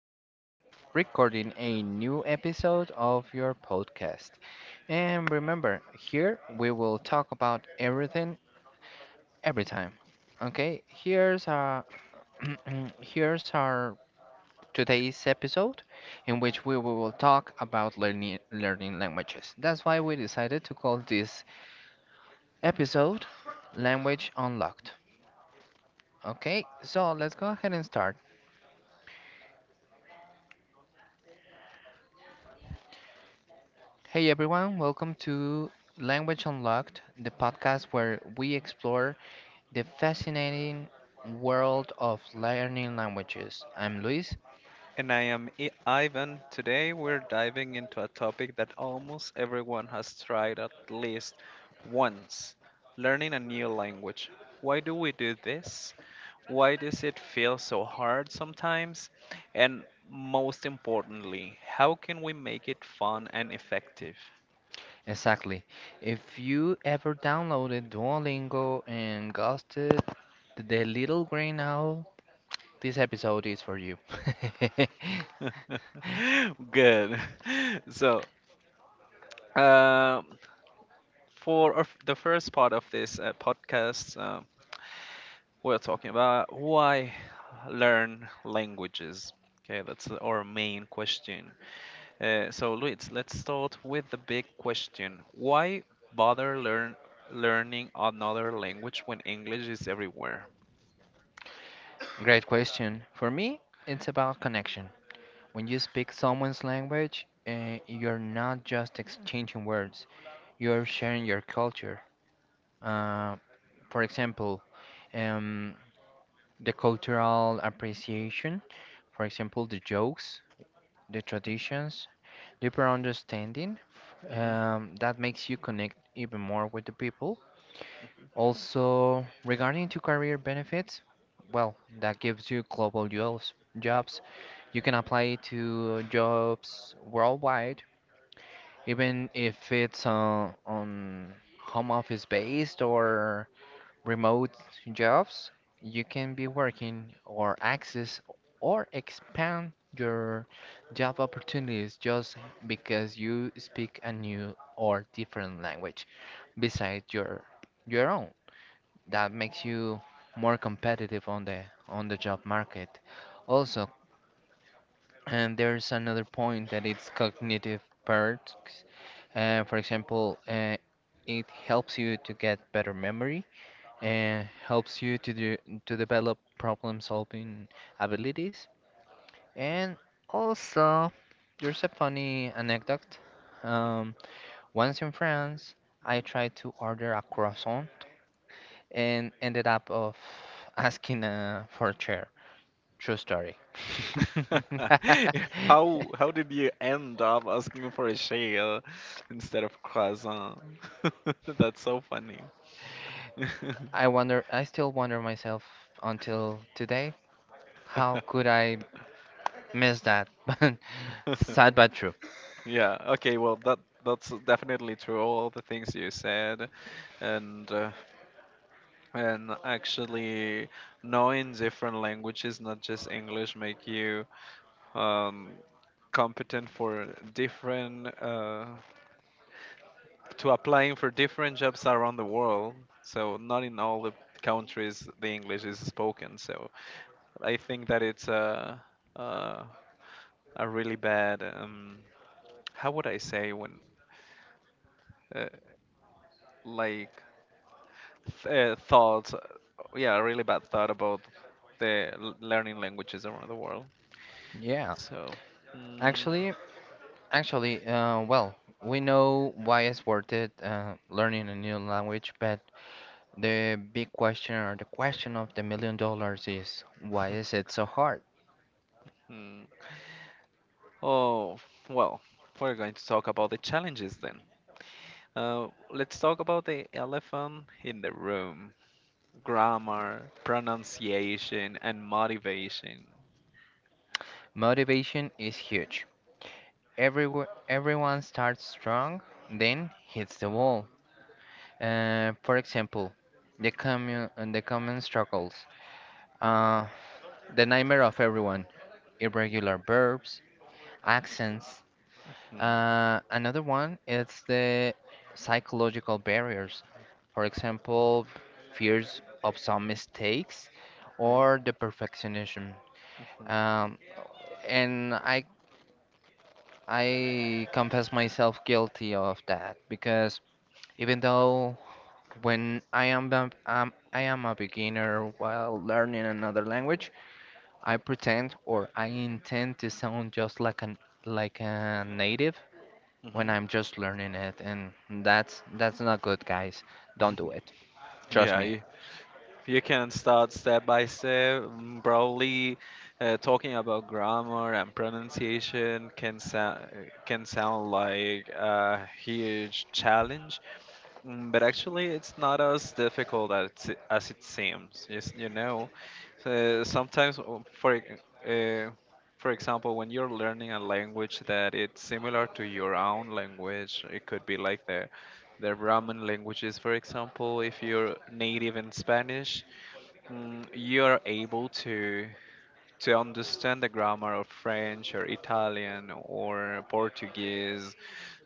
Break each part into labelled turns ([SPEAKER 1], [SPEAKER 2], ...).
[SPEAKER 1] are recording a new episode of your podcast. And remember, here we will talk about everything every time. Okay, here's our here's our today's episode in which we will talk about learning languages. That's why we decided to call this episode Language Unlocked. Okay, so let's go ahead and start. Hey everyone, welcome to Language Unlocked, the podcast where we explore the fascinating world of learning languages. I'm Luis.
[SPEAKER 2] And I am Ivan. Today we're diving into a topic that almost everyone has tried at least once, learning a new language. Why do we do this? Why does it feel so hard sometimes? And most importantly, how can we make it fun and effective?
[SPEAKER 1] Exactly. If you ever downloaded Duolingo and ghosted the little green owl, this episode is for you.
[SPEAKER 2] Good. So, um for the first part of this podcast, we're talking about why learn languages. Okay, that's our main question. So, Luis, let's start with the big question. Why bother learning another language when English is everywhere?
[SPEAKER 1] Great question. For me, it's about connection. When you speak someone's language, you're not just exchanging words, you're sharing your culture. Uh, for example, um, the cultural appreciation, for example, the jokes, the traditions, deeper understanding,
[SPEAKER 2] Mhm.
[SPEAKER 1] that makes you connect even more with the people. Also, regarding to career benefits, well, that gives you global jobs. Jobs you can apply to jobs worldwide, even if it's on home office based or remote jobs, you can be working or access or expand your job opportunities just because you speak a new or different language besides your own. That makes you more competitive on the job market. Also, and there's another point that it's cognitive perks. For example, it helps you to get better memory and helps you to develop problem-solving abilities. And also, there's a funny anecdote. Um, Once in France, I tried to order a croissant and ended up of asking for a chair. True story.
[SPEAKER 2] How did you end up asking for a shale instead of croissant? That's so funny.
[SPEAKER 1] I wonder, I still wonder myself until today, how could I miss that? But sad but true.
[SPEAKER 2] Yeah. Okay. Well, that's definitely true. All the things you said, and and actually knowing different languages, not just English, make you um, competent for different to applying for different jobs around the world. So not in all the countries the English is spoken. So I think that it's a, a really bad how would I say when uh, like th- thoughts, yeah, a really bad thought about the learning languages around the world.
[SPEAKER 1] Yeah,
[SPEAKER 2] So, mm,
[SPEAKER 1] actually, Actually, well, we know why it's worth it learning a new language, but the big question or the question of the a million dollars is why is it so hard?
[SPEAKER 2] hmm. oh, well, we're going to talk about the challenges then. Uh, let's talk about the elephant in the room, grammar, pronunciation, and motivation.
[SPEAKER 1] Motivation is huge. Everyone starts strong, then hits the wall. For example, the common struggles, uh, the nightmare of everyone, irregular verbs, accents.
[SPEAKER 2] Mhm,
[SPEAKER 1] Another one is the psychological barriers. For example, fears of some mistakes
[SPEAKER 2] mhm,
[SPEAKER 1] or the perfectionism.
[SPEAKER 2] mhm,
[SPEAKER 1] Um, and I confess myself guilty of that because even though when I am a beginner while learning another language, I pretend or I intend to sound just like an like a native when
[SPEAKER 2] mhm.
[SPEAKER 1] I'm just learning it, and that's not good, guys. Don't do it. Trust
[SPEAKER 2] Yeah,
[SPEAKER 1] me.
[SPEAKER 2] you can start step by step. Probably talking about grammar and pronunciation can sound like a huge challenge, but actually it's not as difficult as it seems. Yes, you know, uh, sometimes uh, for e- uh, for example, when you're learning a language that it's similar to your own language, it could be like the Roman languages, for example, if you're native in Spanish, you're able to understand the grammar of French or Italian or Portuguese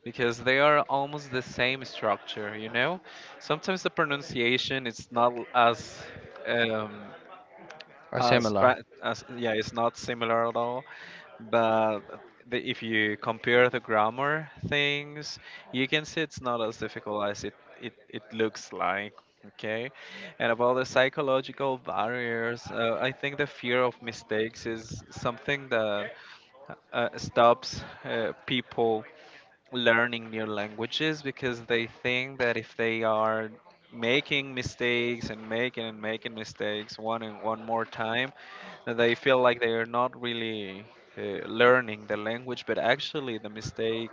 [SPEAKER 2] because they are almost the same structure, you know? Sometimes the pronunciation is not as um,
[SPEAKER 1] Or similar.
[SPEAKER 2] yeah, it's not similar at all. But if you compare the grammar things, you can see it's not as difficult as it looks like. Okay, and about the psychological barriers, I think the fear of mistakes is something that stops people learning new languages because they think that if they are making mistakes and making mistakes one and one more time, that they feel like they are not really uh, learning the language. But actually the mistake,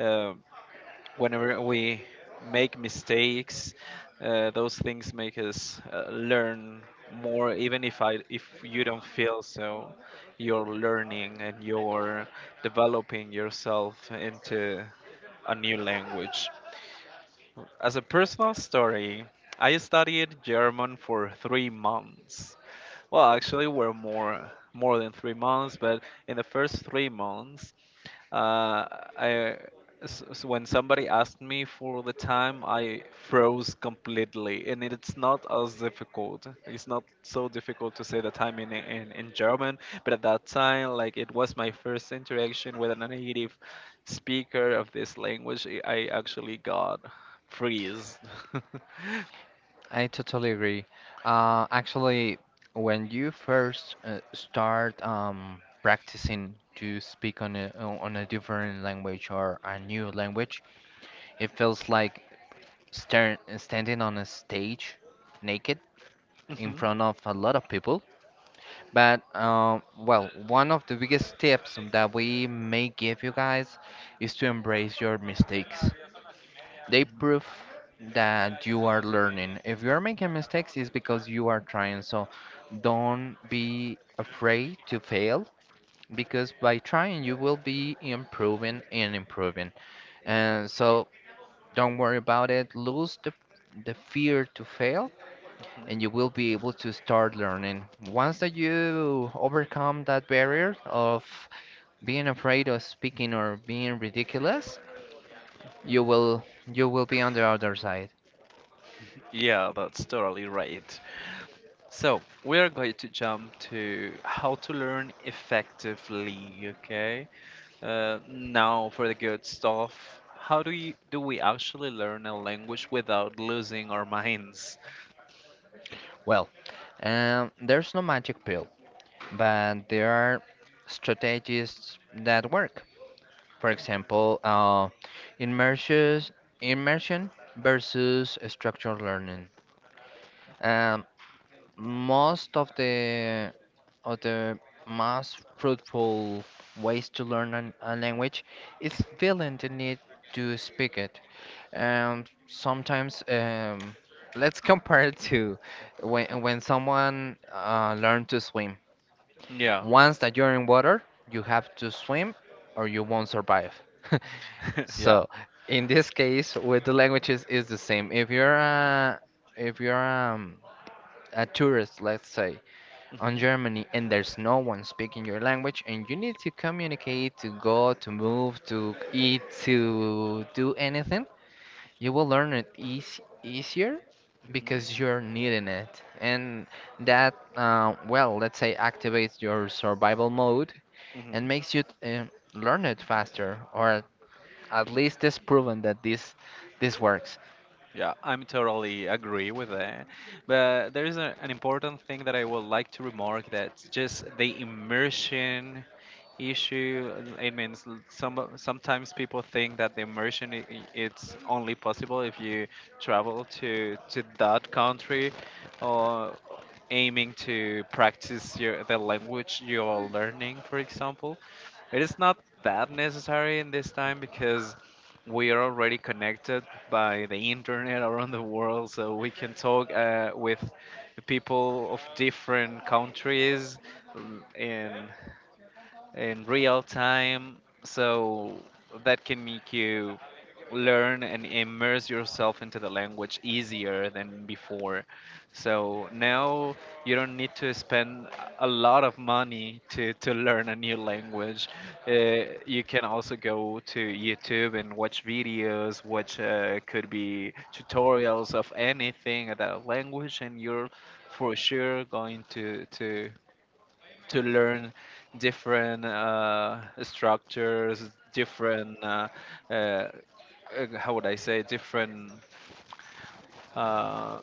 [SPEAKER 2] uh, whenever we make mistakes, those things make us learn more. Even if I, if you don't feel so, you're learning and you're developing yourself into a new language. As a personal story, I studied German for 3 months. Well, actually, were more than 3 months, but in the first 3 months. Uh, I when somebody asked me for the time, I froze completely, and it's not as difficult. It's not so difficult to say the time in in German, but at that time, like it was my first interaction with a native speaker of this language. I actually got freeze.
[SPEAKER 1] I totally agree. Actually, when you first start practicing to speak on on a different language or a new language, it feels like standing on a stage naked in
[SPEAKER 2] Mhm,
[SPEAKER 1] front of a lot of people. But well, one of the biggest tips that we may give you guys is to embrace your mistakes. They prove that you are learning. If you are making mistakes, it's because you are trying. So don't be afraid to fail because by trying, you will be improving and improving. And so don't worry about it. Lose the fear to fail and
[SPEAKER 2] mhm.
[SPEAKER 1] you will be able to start learning. Once that you overcome that barrier of being afraid of speaking or being ridiculous, you will be on the other side.
[SPEAKER 2] Yeah, that's totally right. So, we are going to jump to how to learn effectively, okay? Now for the good stuff. How do we actually learn a language without losing our minds?
[SPEAKER 1] Well, there's no magic pill, but there are strategies that work. For example, immersion immersion versus structured learning. Um, Most of the other most fruitful ways to learn a language is feeling the need to speak it. Sometimes, let's compare it to when someone learn to swim.
[SPEAKER 2] Yeah.
[SPEAKER 1] Once that you're in water, you have to swim or you won't survive.
[SPEAKER 2] Yeah.
[SPEAKER 1] So, in this case, with the languages is the same. If you're a tourist, let's say, on
[SPEAKER 2] Hmm.
[SPEAKER 1] Germany and there's no one speaking your language and you need to communicate to go to move to eat to do anything, you will learn it easier because
[SPEAKER 2] Hmm.
[SPEAKER 1] you're needing it, and that well let's say activates your survival mode and
[SPEAKER 2] Hmm.
[SPEAKER 1] makes you learn it faster or at least it's proven that this works.
[SPEAKER 2] Yeah, I'm totally agree with that. But there is a, an important thing that I would like to remark, that's just the immersion issue. It means sometimes people think that the immersion it's only possible if you travel to that country or aiming to practice your the language you're learning, for example. It is not that necessary in this time because we are already connected by the internet around the world, so we can talk with the people of different countries and in real time. So that can make you learn and immerse yourself into the language easier than before. So now you don't need to spend a lot of money to learn a new language. Uh, you can also go to YouTube and watch videos, which could be tutorials of anything about language, and you're for sure going to learn different structures, different uh, uh, how would I say, different uh,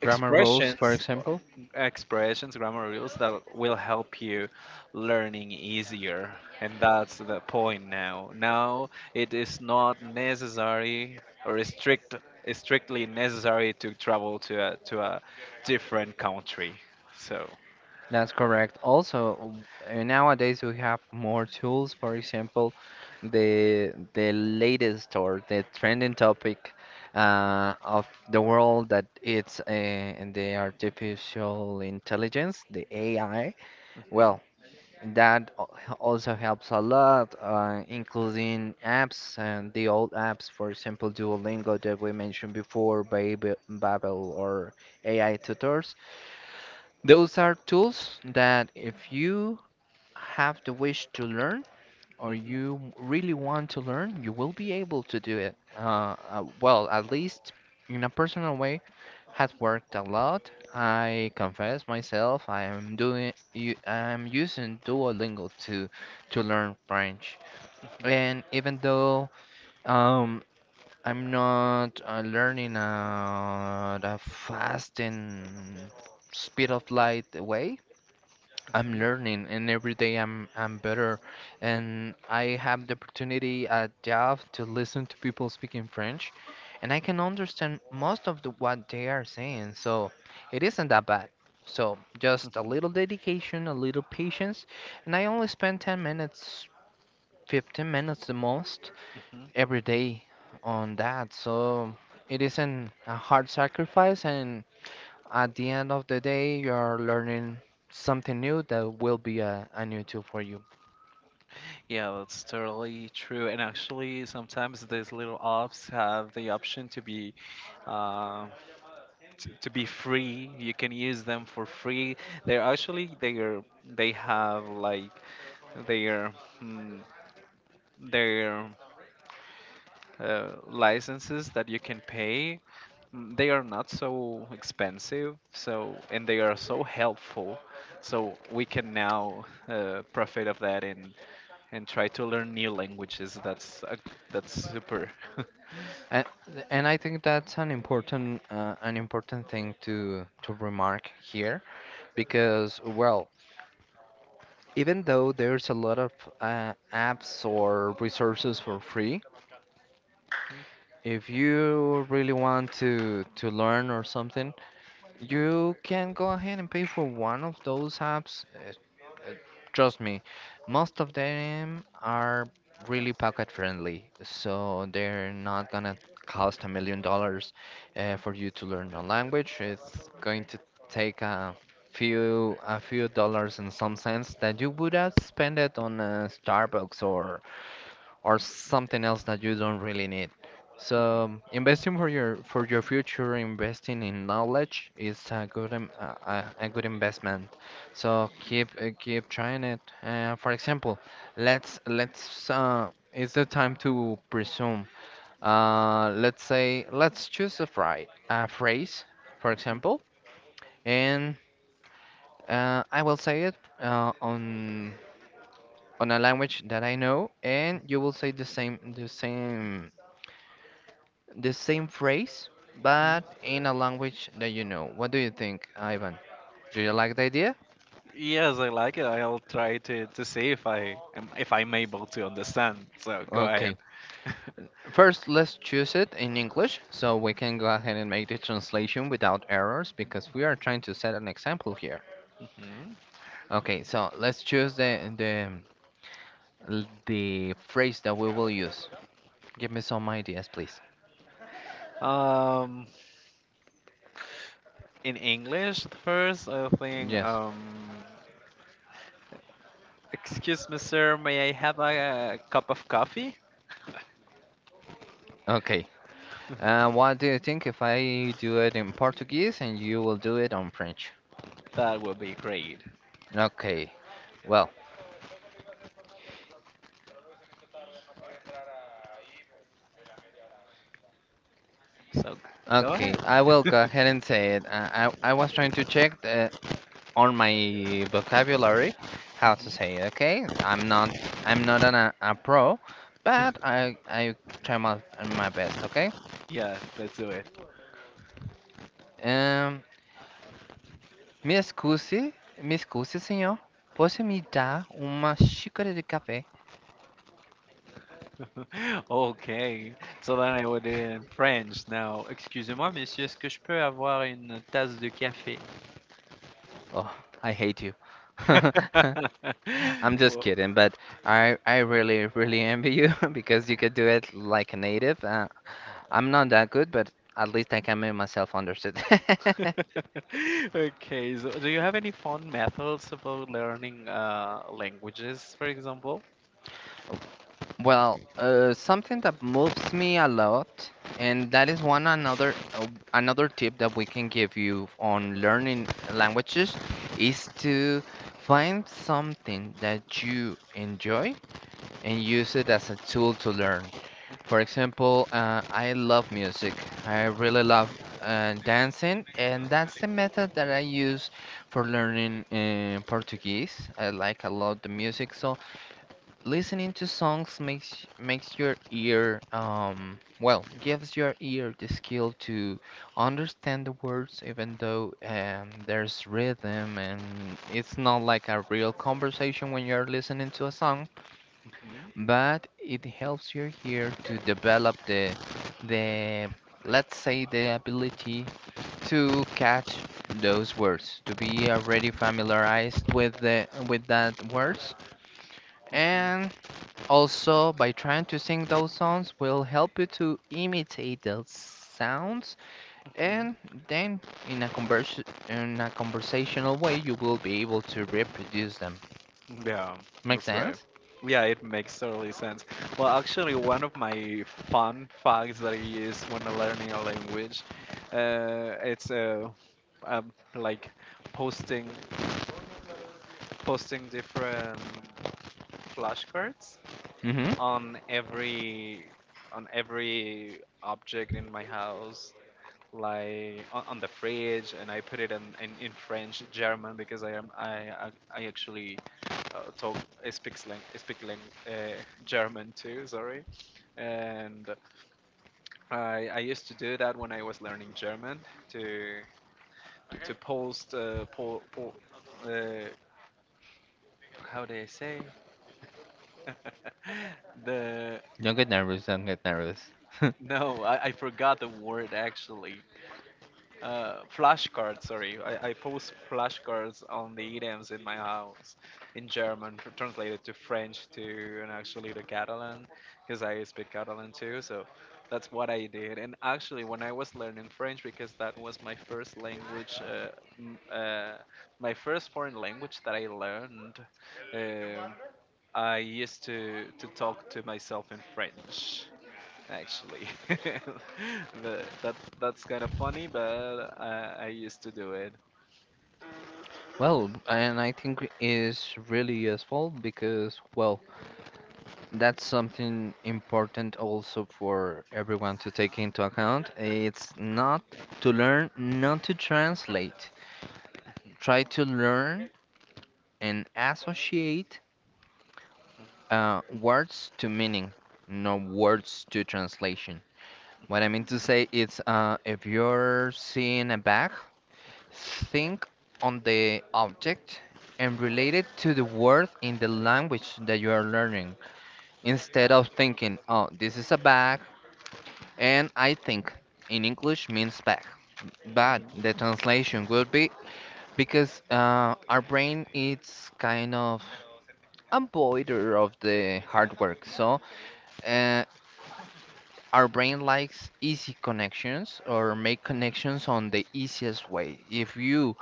[SPEAKER 1] Grammar rules, for
[SPEAKER 2] expressions,
[SPEAKER 1] example.
[SPEAKER 2] expressions, grammar rules that will help you learning easier, and that's the point now. Now it is not necessary or strictly necessary to travel to a different country. So.
[SPEAKER 1] That's correct. Also, nowadays we have more tools. For example, the latest or the trending topic of the world that it's in the artificial intelligence, the AI.
[SPEAKER 2] Mhm,
[SPEAKER 1] Well, that al- also helps a lot, including apps and the old apps. For example, Duolingo that we mentioned before, Babel, or AI tutors, those are tools that if you have the wish to learn or
[SPEAKER 2] mhm,
[SPEAKER 1] you really want to learn, you will be able to do it. Well, at least in a personal way, has worked a lot. I confess myself, I am doing, u- I'm using Duolingo to learn French,
[SPEAKER 2] mhm,
[SPEAKER 1] and even though um, I'm not learning at a fast and speed of light way. I'm
[SPEAKER 2] mhm.
[SPEAKER 1] learning, and every day I'm better. And I have the opportunity at job to listen to people speaking French, and I can understand most of the, what they are saying. So it isn't that bad. So just a
[SPEAKER 2] Mhm.
[SPEAKER 1] little dedication, a little patience, and I only spend 10 minutes, 15 minutes the most
[SPEAKER 2] Hmm.
[SPEAKER 1] every day on that. So it isn't a hard sacrifice, and at the end of the day, you are learning something new that will be a new tool for you.
[SPEAKER 2] Yeah, that's totally true. And actually, sometimes these little apps have the option to be, uh, to be free. You can use them for free. They're actually they are they have like their mm, their licenses that you can pay. They are not so expensive, so and they are so helpful. So we can now profit of that and try to learn new languages. That's a, that's super.
[SPEAKER 1] And, and I think that's an important thing to remark here because well, even though there's a lot of apps or resources for free, if you really want to learn or something, you can go ahead and pay for one of those apps. Uh, Trust me, most of them are really pocket friendly, so they're not gonna cost a million dollars for you to learn a language. It's going to take a few dollars and some cents that you would have spent it on a Starbucks or something else that you don't really need. So investing for your future, investing in knowledge is a good im- a good investment. So keep keep trying it. For example, let's it's the time to presume. Let's say let's choose a phrase, for example, and I will say it on a language that I know, and you will say the same phrase, but in a language that you know. What do you think, Ivan? Do you like the idea?
[SPEAKER 2] Yes, I like it. I'll try to see if I am if I'm able to understand. So go ahead.
[SPEAKER 1] Okay. First, let's choose it in English so we can go ahead and make the translation without errors because we are trying to set an example here.
[SPEAKER 2] Mhm.
[SPEAKER 1] Okay, so let's choose the phrase that we will use. Give me some ideas, please.
[SPEAKER 2] Um, in English, at first, I think.
[SPEAKER 1] Yes.
[SPEAKER 2] Excuse me, sir. May I have a, cup of coffee?
[SPEAKER 1] Okay. What do you think if I do it in Portuguese and you will do it on French?
[SPEAKER 2] That would be great.
[SPEAKER 1] Okay. Well,
[SPEAKER 2] So go ahead.
[SPEAKER 1] okay, I will go ahead and say it. I was trying to check the, on my vocabulary how to say it. Okay, I'm not a pro, but I try my best. Okay.
[SPEAKER 2] Yeah, let's do
[SPEAKER 1] Um, me excuse, senhor. Posso me dar uma xícara de café?
[SPEAKER 2] OK. So then I would do it in French now. Excusez-moi, monsieur, est-ce que je peux avoir une tasse de café?
[SPEAKER 1] Oh, I hate you. I'm just
[SPEAKER 2] Well,
[SPEAKER 1] kidding, but I really really envy you because you could do it like a native. I'm not that good, but at least I can make myself understood.
[SPEAKER 2] Okay, so do you have any fun methods about learning languages, for example?
[SPEAKER 1] Well, something that moves me a lot, and that is one another another tip that we can give you on learning languages is to find something that you enjoy and use it as a tool to learn. For example, I love music. I really love dancing, and that's the method that I use for learning Portuguese. I like a lot the music, so listening to songs makes your ear well gives your ear the skill to understand the words, even though there's rhythm and it's not like a real conversation when you're listening to a song,
[SPEAKER 2] Mhm,
[SPEAKER 1] but it helps you here to develop the let's say the ability to catch those words to be already familiarized with the with that words,
[SPEAKER 2] mhm,
[SPEAKER 1] and also by trying to sing those songs will help you to imitate those sounds
[SPEAKER 2] mhm.
[SPEAKER 1] and then in a convers in a conversational way you will be able to reproduce them.
[SPEAKER 2] Yeah,
[SPEAKER 1] Make
[SPEAKER 2] that's right.
[SPEAKER 1] sense.
[SPEAKER 2] Yeah, it makes totally sense. Well, actually, one of my fun facts that I use when learning a language, it's like posting posting different flashcards
[SPEAKER 1] Mm-hmm.
[SPEAKER 2] on every on every object in my house, like on the fridge, and I put it in, in French, German, because I am I actually talk I speaks lang, I speak lang, uh, German too. Sorry, and I used to do that when I was learning German to to post uh, how do I say the
[SPEAKER 1] Don't get nervous, don't get nervous.
[SPEAKER 2] no I, I forgot the word actually flashcards. Sorry, I post flashcards on the idioms in my house in German, translated to French to and actually to Catalan, because I speak Catalan too. So that's what I did. And actually, when I was learning French, because that was my first language, m- uh, my first foreign language that I learned, um I used to talk to myself in French actually. But that that's kind of funny, but I used to do it.
[SPEAKER 1] Well, and I think is really useful because, well, that's something important also for everyone to take into account. It's not to learn, not to translate. Try to learn and associate words to meaning, not words to translation. What I mean to say is, if you're seeing a bag, think on the object and relate it to the word in the language that you are learning instead of thinking, oh, this is a bag, and I think in English means bag. But
[SPEAKER 2] Mhm,
[SPEAKER 1] the translation would be because our brain is kind of avoider of the hard work. So uh, our brain likes easy connections or make connections on the easiest way. If you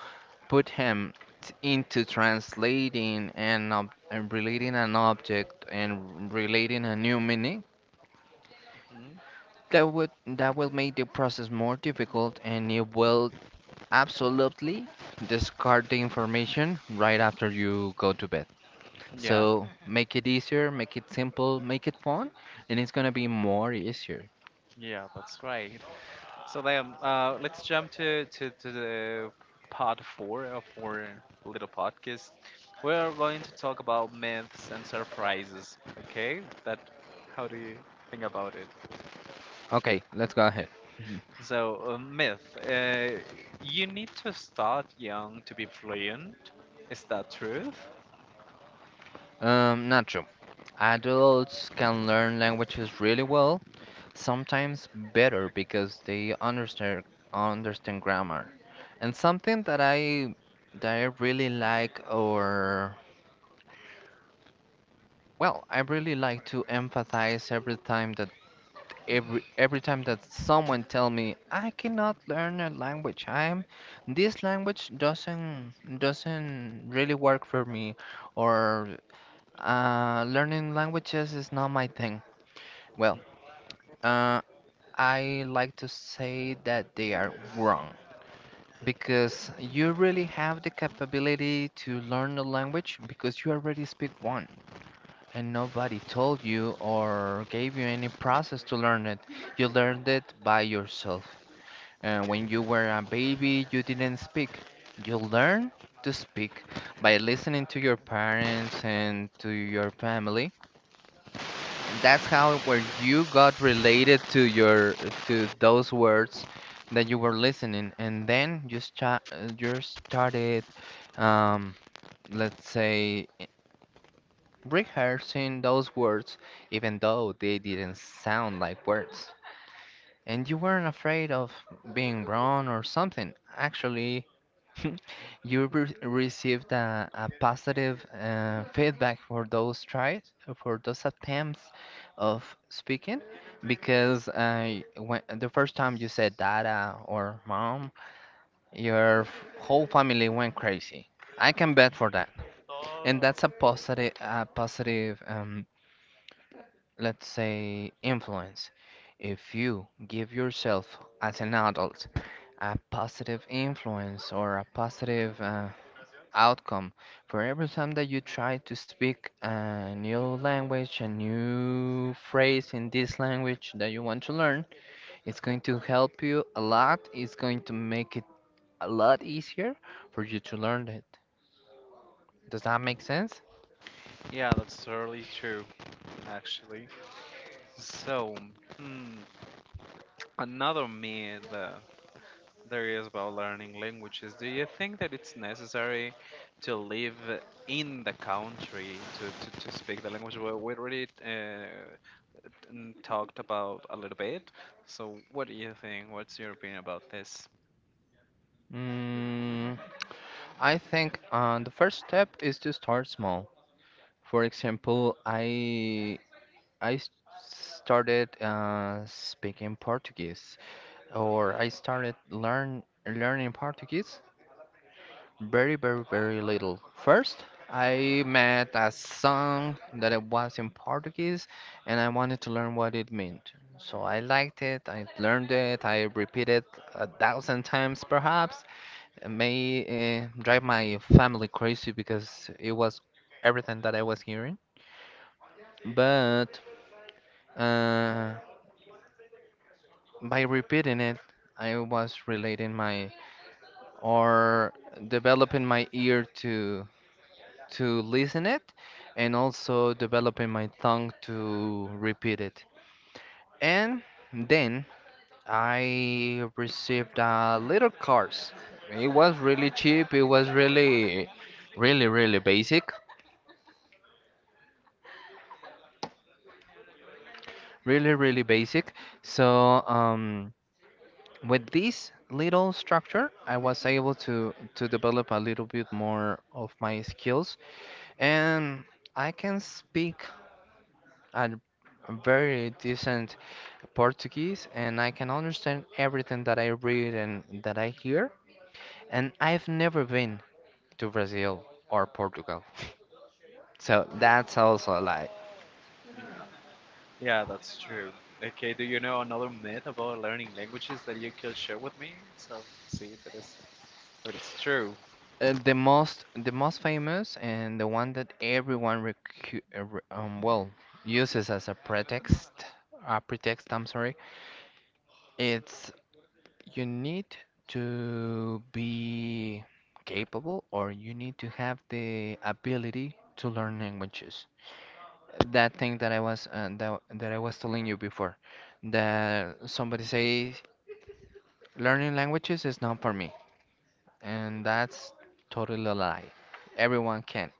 [SPEAKER 1] put him into translating and, and relating an object and relating a new meaning,
[SPEAKER 2] mhm.
[SPEAKER 1] that will make the process more difficult, and it will absolutely discard the information right after you go to bed.
[SPEAKER 2] Yeah,
[SPEAKER 1] So make it easier, make it simple, make it fun, and it's gonna be more easier.
[SPEAKER 2] yeah, that's right. So then, let's jump to the part four of our little podcast. We're going to talk about myths and surprises. Okay, that, how do you think about it?
[SPEAKER 1] Okay, let's go
[SPEAKER 2] Yeah.
[SPEAKER 1] ahead.
[SPEAKER 2] So myth, you need to start young to be fluent. Is that truth?
[SPEAKER 1] Not true. Adults can learn languages really well, sometimes better because they understand grammar. And something that I really like, or well, I really like to emphasize every time that every time that someone tell me I cannot learn a language. I'm this language doesn't really work for me, or learning languages is not my thing. Well, uh, I like to say that they are wrong because you really have the capability to learn a language because you already speak one, and nobody told you or gave you any process to learn it. You learned it by yourself. And when you were a baby, you didn't speak. You learn to speak by listening to your parents and to your family, and that's how where you got related to your to those words that you were listening, and then you started um let's say rehearsing those words, even though they didn't sound like words, and you weren't afraid of being wrong or something actually. You received a positive feedback for those tries, for those attempts of speaking, because when, the first time you said "dada" or "mom," your whole family went crazy. I can bet for that, and that's a positive, let's say, influence. If you give yourself as an adult a positive influence or a positive outcome for every time that you try to speak a new language, a new phrase in this language that you want to learn, it's going to help you a lot. It's going to make it a lot easier for you to learn it. Does that make sense?
[SPEAKER 2] Yeah, that's totally true, actually. So, hmm, another myth there is about learning languages. Do you think that it's necessary to live in the country to, to speak the language? Well, we already talked about a little bit. So, what do you think? What's your opinion about this?
[SPEAKER 1] Mm, I think the first step is to start small. For example, I started speaking Portuguese, or I started learning Portuguese very, very, very little. First, I met a song that it was in Portuguese, and I wanted to learn what it meant. So I liked it. I learned it. I repeated a thousand times, perhaps. It may drive my family crazy because it was everything that I was hearing. But uh, by repeating it, I was relating my or developing my ear to listen it, and also developing my tongue to repeat it. And then I received a little course. It was really cheap, it was really really really basic. Really really basic. So with this little structure, I was able to develop a little bit more of my skills, and I can speak a very decent Portuguese, and I can understand everything that I read and that I hear. And I've never been to Brazil or Portugal, so that's also like
[SPEAKER 2] Yeah, that's true. Okay, do you know another myth about learning languages that you could share with me? So, see if it is, if it's true.
[SPEAKER 1] The most famous and the one that everyone recu re well uses as a pretext, a pretext, I'm sorry, it's you need to be capable, or you need to have the ability to learn languages. That thing that I was telling you before, that somebody says learning languages is not for me, and that's totally a lie. Everyone can.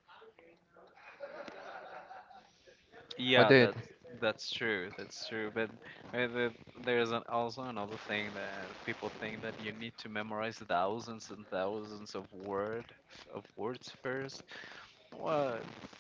[SPEAKER 1] What
[SPEAKER 2] Yeah,
[SPEAKER 1] do you think?
[SPEAKER 2] that's That's true. But uh, the- there's an, also another thing that people think, that you need to memorize thousands and thousands of of words first. Well,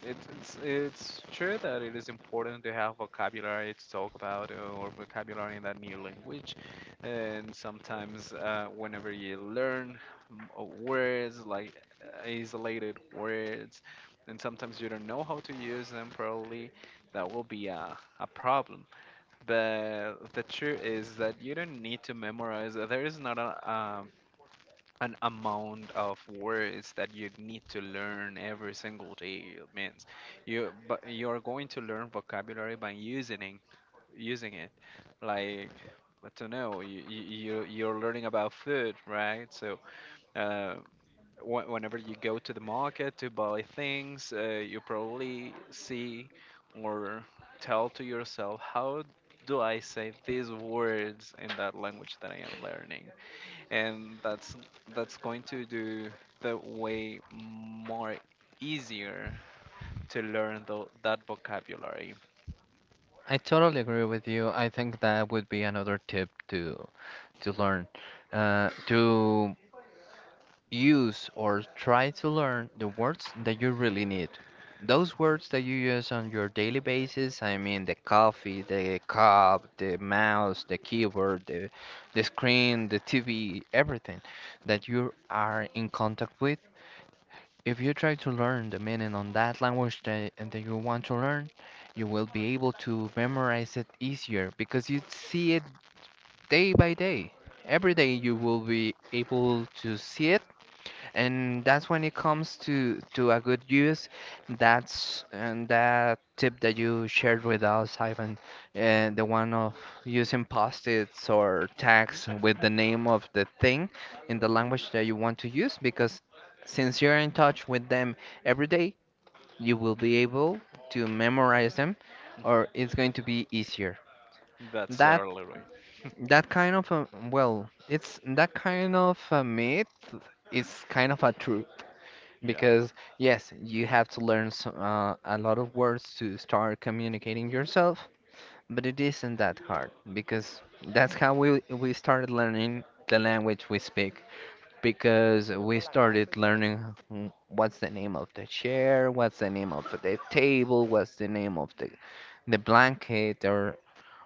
[SPEAKER 2] it's it's true that it is important to have vocabulary to talk about, or vocabulary in that new language, and sometimes whenever you learn words like isolated words, and sometimes you don't know how to use them properly, that will be a problem. But the truth is that you don't need to memorize. There is not a an amount of words that you need to learn every single day. It means you, but you're going to learn vocabulary by using it, using it, like, but to know you, you you're learning about food, right? So uh whenever you go to the market to buy things, you probably see or tell to yourself, how do I say these words in that language that I am learning? And that's going to do the way more easier to learn that vocabulary.
[SPEAKER 1] I totally agree with you. I think that would be another tip to learn, to use or try to learn the words that you really need. Those words that you use on your daily basis, I mean the coffee, the cup, the mouse, the keyboard, the screen, the TV, everything that you are in contact with. If you try to learn the meaning on that language that, and that you want to learn, you will be able to memorize it easier because you see it day by day. Every day you will be able to see it, and that's when it comes to a good use. That's and that tip that you shared with us, Ivan, and the one of using post-its or tags with the name of the thing in the
[SPEAKER 2] Mhm,
[SPEAKER 1] language that you want to use, because since you're in touch with them every day, you will be able to memorize them, or it's going to be easier.
[SPEAKER 2] mhm. That's
[SPEAKER 1] That
[SPEAKER 2] certainly right.
[SPEAKER 1] that kind of a, well, it's that kind of a myth is kind of a truth
[SPEAKER 2] Yeah.
[SPEAKER 1] because, yes, you have to learn so, a lot of words to start communicating yourself, but it isn't that hard because that's how we started learning the language we speak. Because we started learning mm, what's the name of the chair, what's the name of the table, what's the name of the blanket,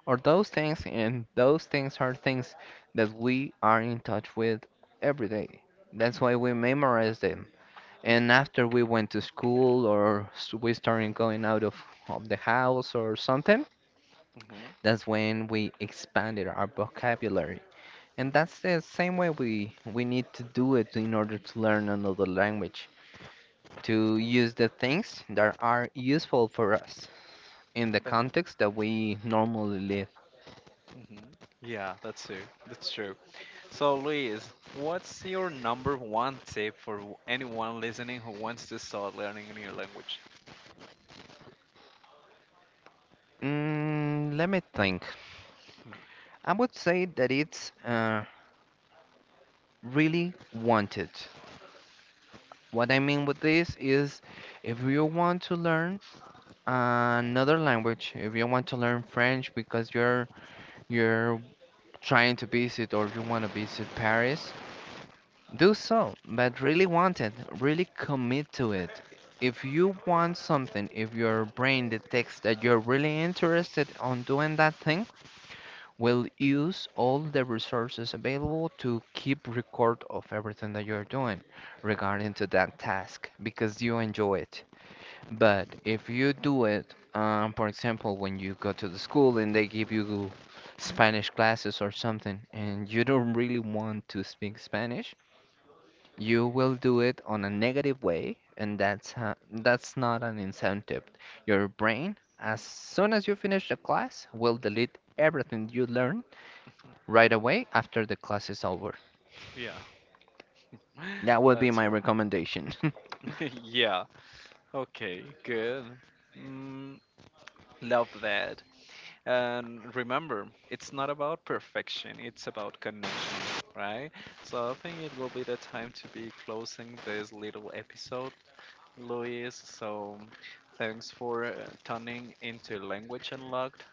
[SPEAKER 1] or those things, and those things are things that we are in touch with every day. That's why we memorize them. And after we went to school or we started going out of the house or something,
[SPEAKER 2] Hmm.
[SPEAKER 1] that's when we expanded our vocabulary. And that's the same way we need to do it in order to learn another language, to use the things that are useful for us in the context that we normally live.
[SPEAKER 2] Hmm. Yeah, that's true. That's true. So, Luis, what's your number one tip for anyone listening who wants to start learning a new language?
[SPEAKER 1] Mm, let me think. I would say that it's really wanted. What I mean with this is, if you want to learn another language, if you want to learn French because you're trying to visit or you want to visit Paris, do so, but really want it, really commit to it. If you want something, if your brain detects that you're really interested on doing that thing, will use all the resources available to keep record of everything that you're doing regarding to that task because you enjoy it. But if you do it, for example, when you go to the school and they give you Spanish classes or something, and you don't really want to speak Spanish, you will do it on a negative way, and that's ha that's not an incentive. Your brain, as soon as you finish the class, will delete everything you learn right away after the class is over.
[SPEAKER 2] Yeah,
[SPEAKER 1] That would be
[SPEAKER 2] that's
[SPEAKER 1] my
[SPEAKER 2] true.
[SPEAKER 1] recommendation.
[SPEAKER 2] Yeah. Okay, good. Mm, love that. And remember, it's not about perfection, it's about connection, right? So I think it will be the time to be closing this little episode, Luis. So thanks for tuning into Language Unlocked.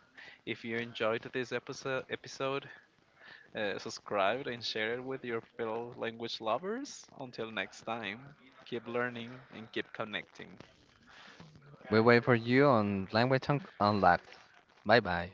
[SPEAKER 2] If you enjoyed this episode, subscribe and share it with your fellow language lovers. Until next time, keep learning and keep connecting.
[SPEAKER 1] We wait for you on Language Unlocked. Bye bye.